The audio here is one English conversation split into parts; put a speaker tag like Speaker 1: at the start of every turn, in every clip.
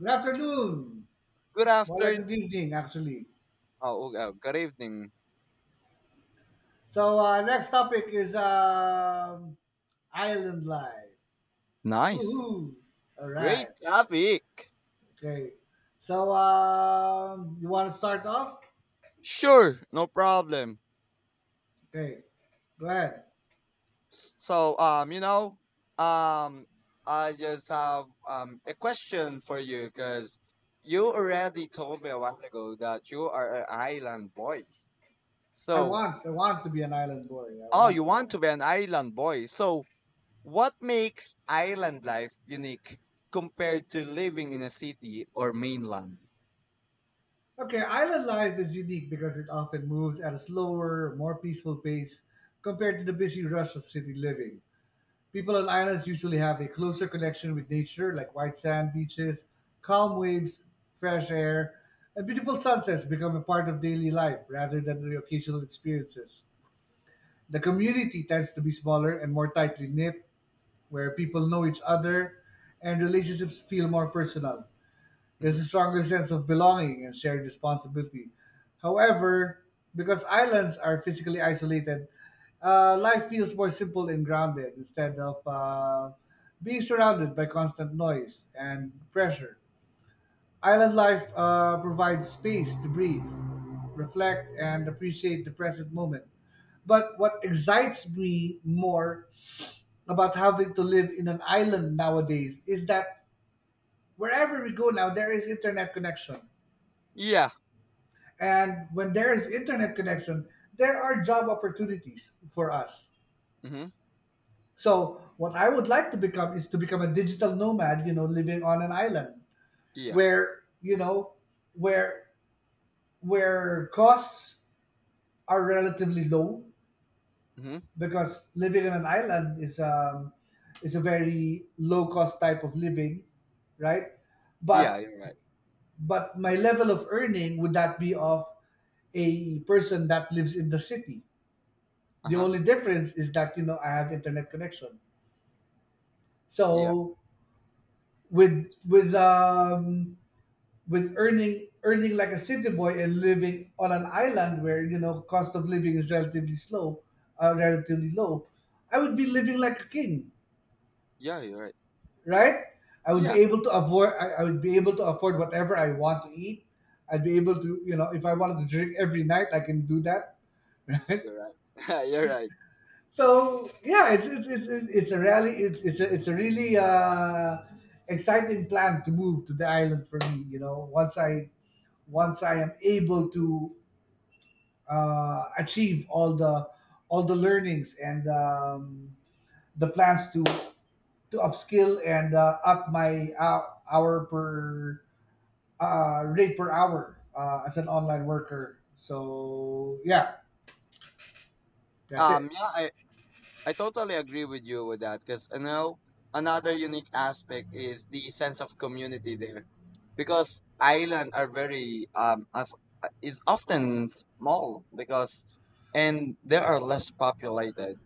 Speaker 1: Good afternoon.
Speaker 2: Good
Speaker 1: More like
Speaker 2: afternoon.
Speaker 1: good evening, actually.
Speaker 2: Oh, good evening.
Speaker 1: So, next topic is island life.
Speaker 2: Nice.
Speaker 1: Woohoo! All right.
Speaker 2: Great topic.
Speaker 1: Okay. So, you want to start off?
Speaker 2: Sure, no problem.
Speaker 1: Okay. Go ahead.
Speaker 2: So, um, you know, um, I just have a question for you, because you already told me a while ago that you are an island boy. So,
Speaker 1: I want to be an island boy. I
Speaker 2: oh,
Speaker 1: want
Speaker 2: you
Speaker 1: to be.
Speaker 2: want to be an island boy. So, what makes island life unique compared to living in a city or mainland?
Speaker 1: Okay. Island life is unique because it often moves at a slower, more peaceful pace compared to the busy rush of city living. People on islands usually have a closer connection with nature, like white sand beaches, calm waves, fresh air, and beautiful sunsets become a part of daily life rather than the occasional experiences. The community tends to be smaller and more tightly knit, where people know each other and relationships feel more personal. There's
Speaker 2: Hmm.
Speaker 1: a stronger sense of belonging and shared responsibility. However, because islands are physically isolated, life feels more simple and grounded instead of being surrounded by constant noise and pressure. Island life provides space to breathe, reflect, and appreciate the present moment. But what excites me more about having to live in an island nowadays is that wherever we go now, there is internet connection,
Speaker 2: Yeah.
Speaker 1: and when there is internet connection, there are job opportunities for us.
Speaker 2: Hmm.
Speaker 1: So what I would like to become is to become a digital nomad, you know, living on an island
Speaker 2: Yeah.
Speaker 1: where you know where where costs are relatively low,
Speaker 2: Mm-hmm.
Speaker 1: because living on an island is a very low cost type of living, right?
Speaker 2: Yeah,
Speaker 1: But
Speaker 2: you're right.
Speaker 1: my level of earning would that be of a person that lives in the city. The
Speaker 2: Uh-huh.
Speaker 1: only difference is that, I have internet connection.
Speaker 2: Yeah.
Speaker 1: So, with with um with earning like a city boy and living on an island where, cost of living is relatively slow, relatively low, I would be living like a king,
Speaker 2: Yeah, you're right.
Speaker 1: right? I would be
Speaker 2: Yeah,
Speaker 1: able to afford I, I would be able to afford whatever I want to eat. I'd be able to, if I wanted to drink every night, I can do that.
Speaker 2: you're right. You're right.
Speaker 1: So yeah, it's a really exciting plan to move to the island for me. You know, once I am able to achieve all the learnings and, the plans to upskill and up my hour per rate per hour as an online worker. So yeah, that's it.
Speaker 2: Yeah, I totally agree with you with that, because I know another unique aspect is the sense of community there, because island are very as is often small, because and they are less populated.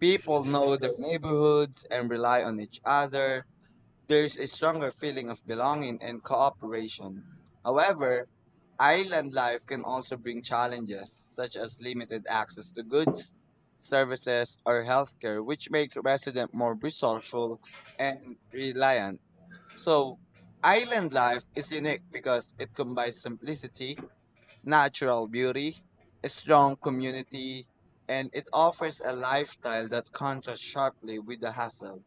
Speaker 2: People know their neighborhoods and rely on each other. There's a stronger feeling of belonging and cooperation. However, island life can also bring challenges, such as limited access to goods, services, or healthcare, which make residents more resourceful and reliant. So, island life is unique because it combines simplicity, natural beauty, a strong community, and it offers a lifestyle that contrasts sharply with the hustle,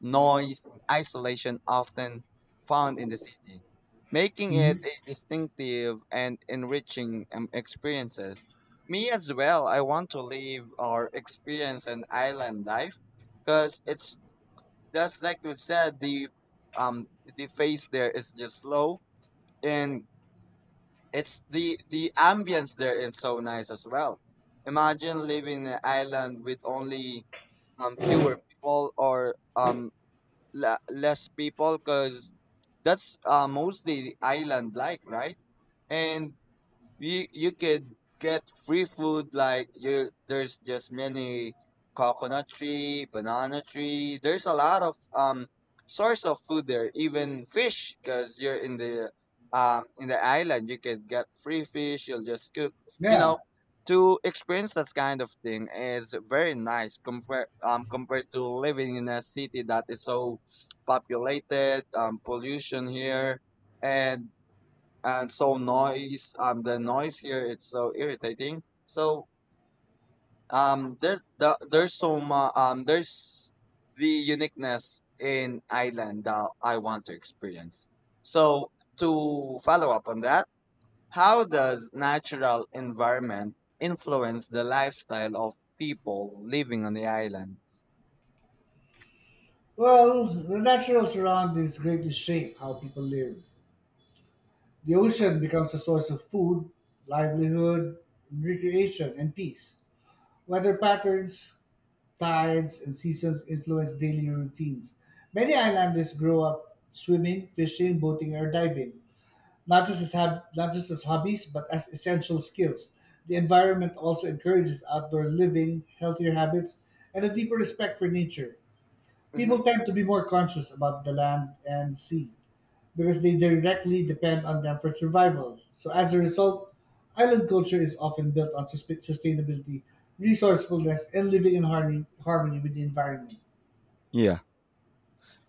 Speaker 2: noise, and isolation often found in the city, making it
Speaker 1: Mhm.
Speaker 2: a distinctive and enriching experiences. Me as well, I want to live or experience an island life because it's just like we said, um the face there is just slow, and it's the ambience there is so nice as well. Imagine living in an island with only fewer people, or less people, because that's mostly island like, right? And you could get free food, like you, there's just many coconut tree, banana tree, there's a lot of source of food there, even fish, because you're in the island, you can get free fish, you'll just cook, you
Speaker 1: Yeah.
Speaker 2: know, to experience that kind of thing is very nice compared compared to living in a city that is so populated, pollution here, and and so noise, the noise here, it's so irritating. So there's so much there's the uniqueness in Ireland that I want to experience. So, to follow up on that, how does natural environment influence the lifestyle of people living on the island?
Speaker 1: Well, the natural surroundings greatly shape how people live. The ocean becomes a source of food, livelihood, recreation, and peace. Weather patterns, tides, and seasons influence daily routines. Many islanders grow up swimming, fishing, boating, or diving, not just as hobbies, but as essential skills. The environment also encourages outdoor living, healthier habits, and a deeper respect for nature.
Speaker 2: Hmm.
Speaker 1: People tend to be more conscious about the land and sea because they directly depend on them for survival. So, as a result, island culture is often built on sustainability, resourcefulness, and living in harmony with the environment.
Speaker 2: Yeah.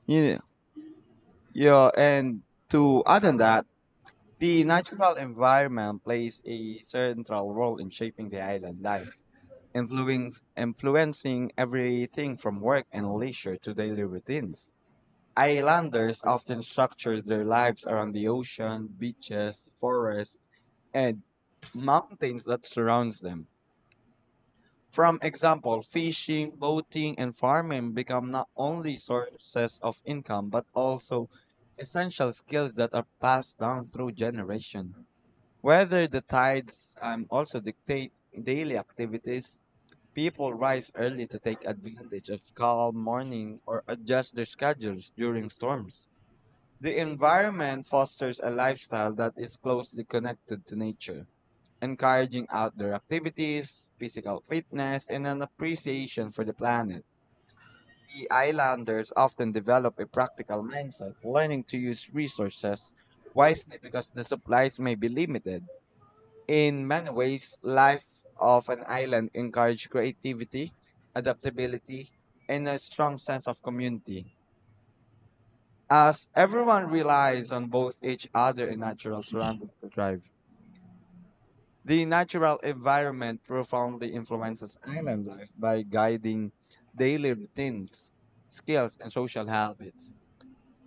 Speaker 2: Yeah. Yeah. And to add on that, the natural environment plays a central role in shaping the island life, influencing everything from work and leisure to daily routines. Islanders often structure their lives around the ocean, beaches, forests, and mountains that surrounds them. From example, fishing, boating, and farming become not only sources of income, but also essential skills that are passed down through generation. Whether the tides also dictate daily activities, people rise early to take advantage of calm morning or adjust their schedules during storms. The environment fosters a lifestyle that is closely connected to nature, encouraging outdoor activities, physical fitness, and an appreciation for the planet. The islanders often develop a practical mindset, learning to use resources wisely, because the supplies may be limited. In many ways, life of an island encouraged creativity, adaptability, and a strong sense of community, as everyone relies on both each other and natural surroundings to thrive. The natural environment profoundly influences island life by guiding daily routines, skills, and social habits.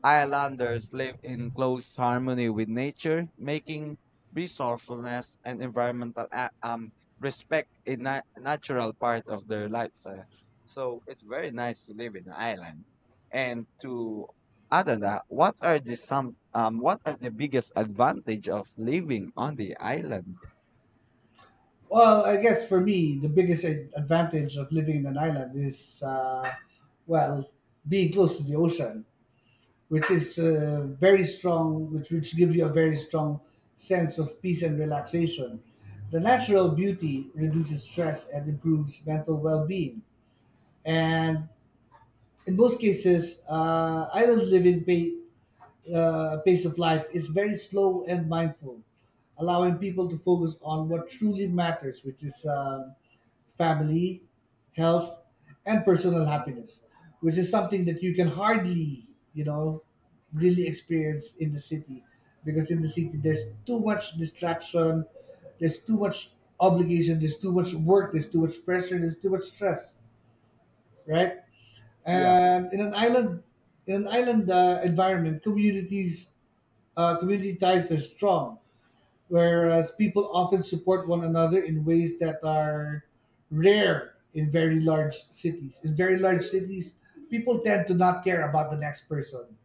Speaker 2: Islanders live in close harmony with nature, making resourcefulness and respect natural part of their lifestyle. So it's very nice to live in an island. And to, other than that, what are the some what are the biggest advantage of living on the island?
Speaker 1: Well, I guess for me, the biggest advantage of living in an island is, well, being close to the ocean, which is very strong, which gives you a very strong sense of peace and relaxation. The natural beauty reduces stress and improves mental well being. And in most cases, island living pace of life is very slow and mindful, allowing people to focus on what truly matters, which is family, health, and personal happiness, which is something that you can hardly, really experience in the city, because in the city there's too much distraction, there's too much obligation, there's too much work, there's too much pressure, there's too much stress, right?
Speaker 2: Yeah.
Speaker 1: And in an island, environment, community ties are strong, whereas people often support one another in ways that are rare in very large cities. In very large cities, people tend to not care about the next person.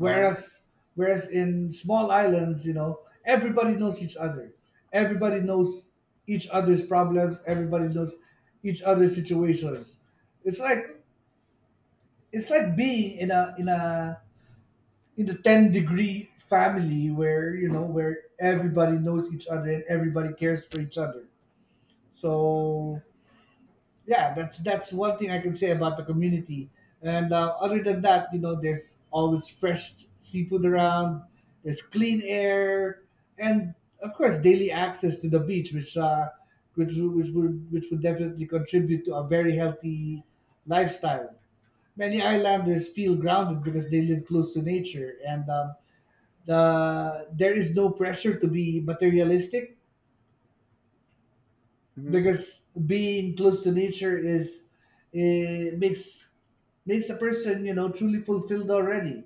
Speaker 2: Uh huh.
Speaker 1: in small islands, you know, everybody knows each other. Everybody knows each other's problems, everybody knows each other's situations. It's like being in a in a in the 10 degree family, where, everybody knows each other and everybody cares for each other. So yeah, that's one thing I can say about the community. And other than that, you know, there's always fresh seafood around. There's clean air, and of course, daily access to the beach, which would definitely contribute to a very healthy lifestyle. Many islanders feel grounded because they live close to nature, and there is no pressure to be materialistic,
Speaker 2: Mm-hmm.
Speaker 1: because being close to nature eh, makes makes a person, truly fulfilled already.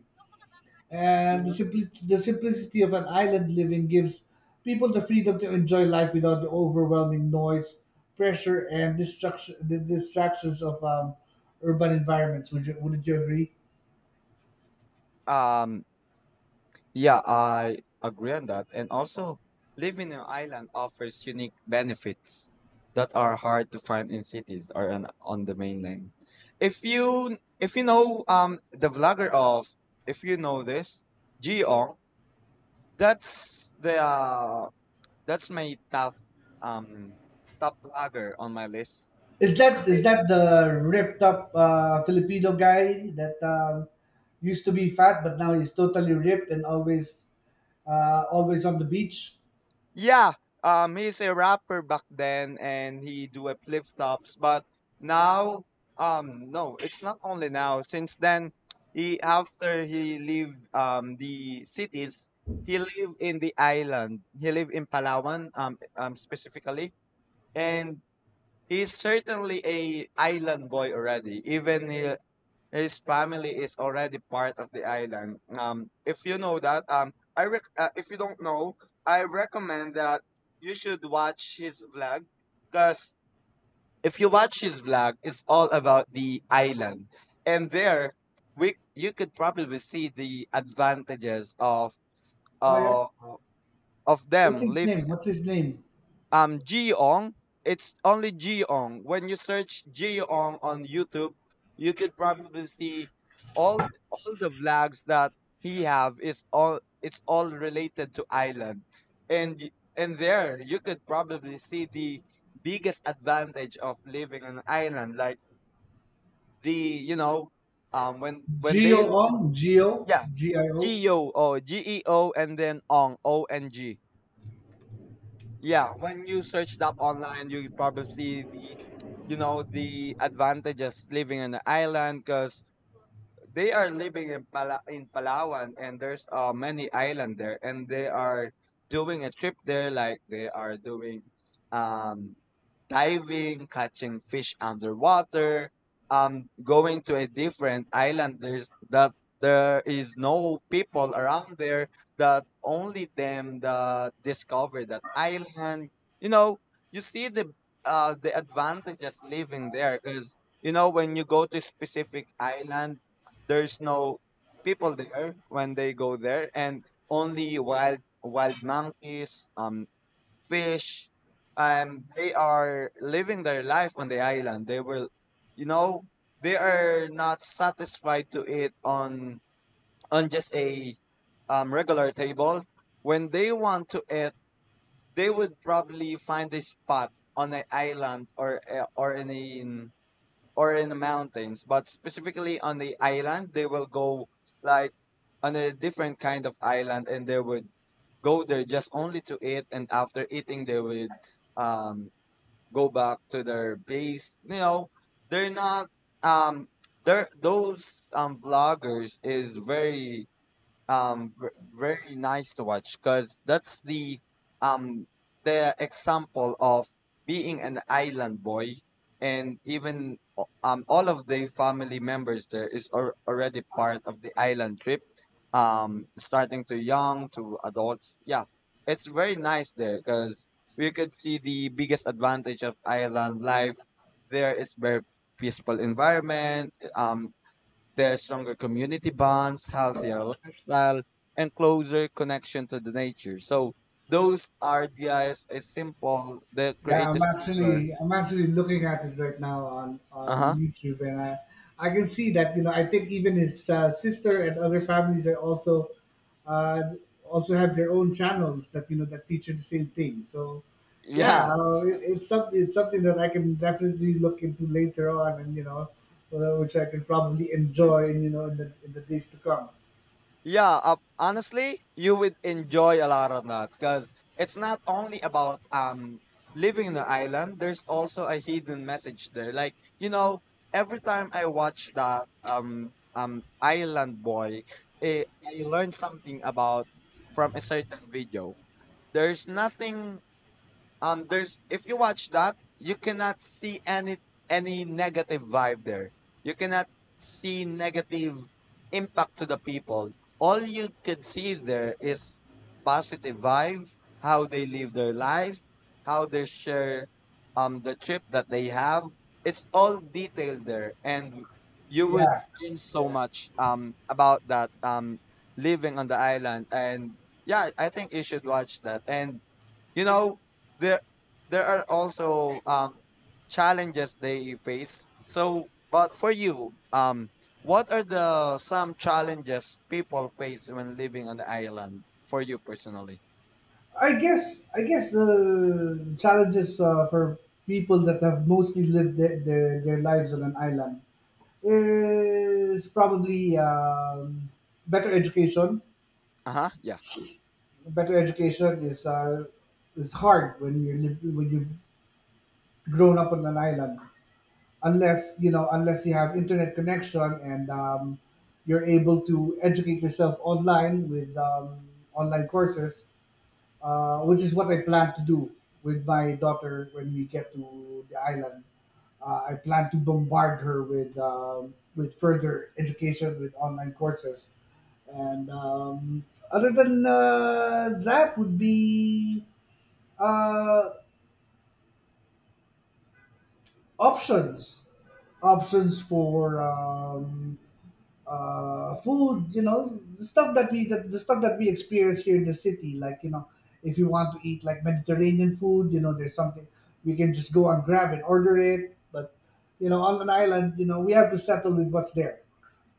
Speaker 1: And
Speaker 2: Hmm.
Speaker 1: the simplicity of an island living gives people the freedom to enjoy life without the overwhelming noise, pressure, and distraction the distractions of urban environments. Would you agree?
Speaker 2: Um, Yeah, I agree on that. And also, living in an island offers unique benefits that are hard to find in cities or on the mainland. If you know the vlogger of, if you know this Gio, that's the that's my um top vlogger on my list.
Speaker 1: Is that the ripped up Filipino guy that, used to be fat but now he's totally ripped and always on the beach?
Speaker 2: Yeah, he's a rapper back then, and he do a flip flops. But now, no, it's not only now. Since then, he after he leave the cities, he live in the island. He live in Palawan, specifically, and he's certainly a island boy already. Even he, his family is already part of the island. If you know that, if you don't know, I recommend that you should watch his vlog, because if you watch his vlog, it's all about the island, and there we you could probably see the advantages
Speaker 1: Oh yeah.
Speaker 2: uh, of
Speaker 1: What's
Speaker 2: them
Speaker 1: his
Speaker 2: living.
Speaker 1: name? What's his name?
Speaker 2: Geong. It's only Geong. When you search Geong on YouTube, you could probably see all the vlogs that he have is all, it's all related to island. And there you could probably see the biggest advantage of living on an island, like the, you know, when
Speaker 1: Gio
Speaker 2: they live.
Speaker 1: Ong. Gio.
Speaker 2: Yeah.
Speaker 1: G I O.
Speaker 2: Geo, and then on Ong. Yeah, when you search that online, you probably see the, you know, the advantages living on the island, because they are living in in Palawan, and there's many island there, and they are doing a trip there, like they are doing um diving, catching fish underwater, going to a different island. There's that there is no people around there. That only them that discover that island. You know, you see the advantages living there, because you know, when you go to specific island, there's no people there when they go there, and only wild monkeys, fish, and they are living their life on the island. They will, you know, they are not satisfied to eat on just a regular table. When they want to eat, they would probably find a spot on an island, or a or in the mountains, but specifically on the island, they will go like on a different kind of island, and they would go there just only to eat, and after eating they would um go back to their base. You know, they're not um, they're those vloggers is very very nice to watch, because that's um the example of being an island boy, and even all of the family members there is already part of the island trip, um, starting to young to adults. Yeah, it's very nice there, because we could see the biggest advantage of island life. There is very peaceful environment, um, there's stronger community bonds, healthier lifestyle, and closer connection to the nature. So those RDIs is simple. The create
Speaker 1: Yeah,
Speaker 2: a simpler.
Speaker 1: I'm actually looking at it right now on
Speaker 2: Uh huh.
Speaker 1: YouTube, and I can see that, I think even his sister and other families are also, uh, also have their own channels that, that feature the same thing. So yeah,
Speaker 2: Yeah.
Speaker 1: it's something, that I can definitely look into later on, and, which I can probably enjoy, and, in the days to come.
Speaker 2: Yeah. Honestly, you would enjoy a lot of that, because it's not only about living in the island. There's also a hidden message there. Like you know, every time I watch that Island Boy, eh, I learn something about from a certain video. There's nothing there's if you watch that, you cannot see any negative vibe there. You cannot see negative impact to the people. All you could see there is positive vibe, how they live their life, how they share the trip that they have. It's all detailed there, and you would
Speaker 1: Yeah,
Speaker 2: learn so
Speaker 1: yeah.
Speaker 2: much about that living on the island. And yeah, I think you should watch that, and you know, there there are also challenges they face. So, but for you, what are the some challenges people face when living on the island for you personally?
Speaker 1: I guess the challenges, for people that have mostly lived their lives on an island is probably, better education.
Speaker 2: Uh huh. Yeah.
Speaker 1: Better education is hard when you live when you've grown up on an island, unless you have internet connection and, you're able to educate yourself online with, online courses, which is what I plan to do with my daughter when we get to the island. I plan to bombard her with, further education with online courses, and, other than that would be, uh, options options for, food. You know, the stuff that we experience here in the city. Like, if you want to eat like Mediterranean food, you know, there's something we can just go on Grab and order it. But, on an island, we have to settle with what's there,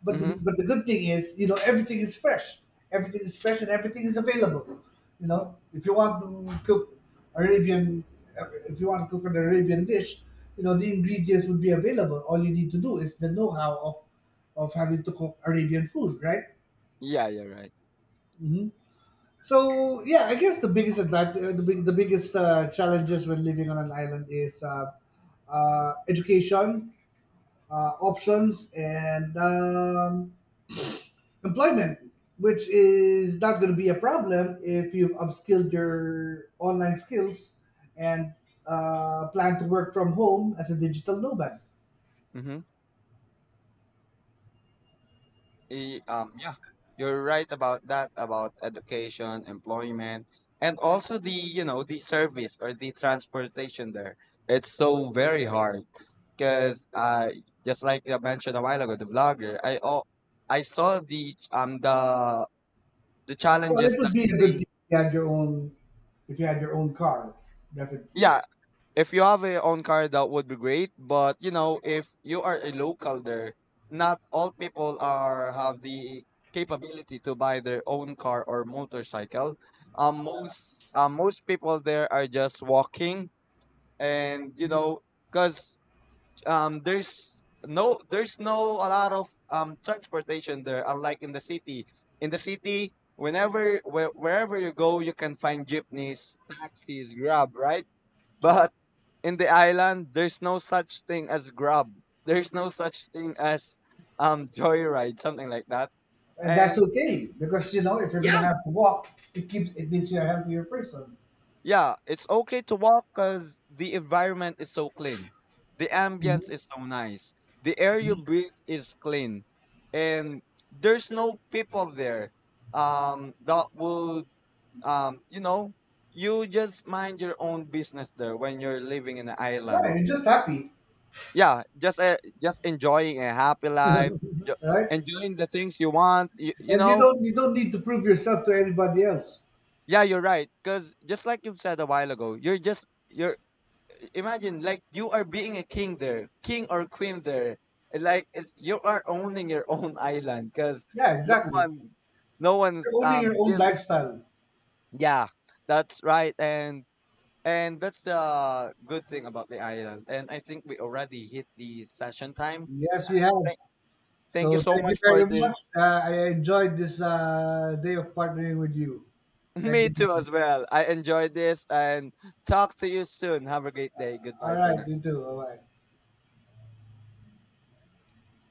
Speaker 1: but
Speaker 2: Mm-hmm.
Speaker 1: the good thing is, everything is fresh. Everything is fresh and everything is available. You know, if you want to cook Arabian, if you want to cook an Arabian dish, the ingredients would be available. All you need to do is the know-how of having to cook Arabian food, right?
Speaker 2: Yeah, you're right.
Speaker 1: hmm So yeah, I guess the biggest advantage, the big, the biggest challenges when living on an island is, education, options, and, employment, which is not going to be a problem if you've upskilled your online skills and, plan to work from home as a digital nomad.
Speaker 2: Mm-hmm. Yeah, you're right about that, about education, employment, and also the, you know, the service or the transportation there. It's so very hard, because just like I mentioned a while ago, the vlogger, I, oh, I saw the the
Speaker 1: Well,
Speaker 2: challenges
Speaker 1: it would
Speaker 2: that
Speaker 1: be a good
Speaker 2: they.
Speaker 1: thing if you had your own, if you had your own car, definitely.
Speaker 2: Yeah, if you have a own car, that would be great. But you know, if you are a local there, not all people are have the capability to buy their own car or motorcycle. Most people there are just walking, and you know, cause there's no a lot of transportation there, unlike in the city. In the city, whenever wherever you go, you can find jeepneys, taxis, grab, right?
Speaker 1: Yeah,
Speaker 2: But in the island there's no such thing as grub, there's no such thing as joyride, something like that.
Speaker 1: and that's
Speaker 2: And
Speaker 1: okay because, if you're gonna
Speaker 2: yeah,
Speaker 1: have to walk, it means you're a healthier person.
Speaker 2: yeah, it's okay to walk, because the environment is so clean, the ambience is so nice, the air you breathe is clean, and there's no people there, that would um, you know, you just mind your own business there when you're living in an island.
Speaker 1: Yeah, you're just happy,
Speaker 2: Yeah, just enjoying a happy life, jo-
Speaker 1: right?
Speaker 2: enjoying the things you want, you
Speaker 1: And
Speaker 2: know.
Speaker 1: you don't need to prove yourself to anybody else.
Speaker 2: Yeah, you're right, because just like you said a while ago, you're, imagine like you are being a king there, king or queen there. It's like it's, you are owning your own island, because
Speaker 1: Yeah,
Speaker 2: no
Speaker 1: exactly.
Speaker 2: one no one's
Speaker 1: You're owning your own
Speaker 2: give.
Speaker 1: lifestyle.
Speaker 2: Yeah, that's right. And that's the good thing about the island, and I think we already hit the session time.
Speaker 1: Yes, we have.
Speaker 2: Thank Thank you
Speaker 1: So
Speaker 2: so
Speaker 1: thank you
Speaker 2: much for
Speaker 1: very
Speaker 2: this.
Speaker 1: much. I enjoyed this day of partnering with you. Thank
Speaker 2: Me too
Speaker 1: you.
Speaker 2: as well. I enjoyed this, and talk to you soon. Have a great day.
Speaker 1: All
Speaker 2: Goodbye for
Speaker 1: right,
Speaker 2: now.
Speaker 1: you too. Bye bye.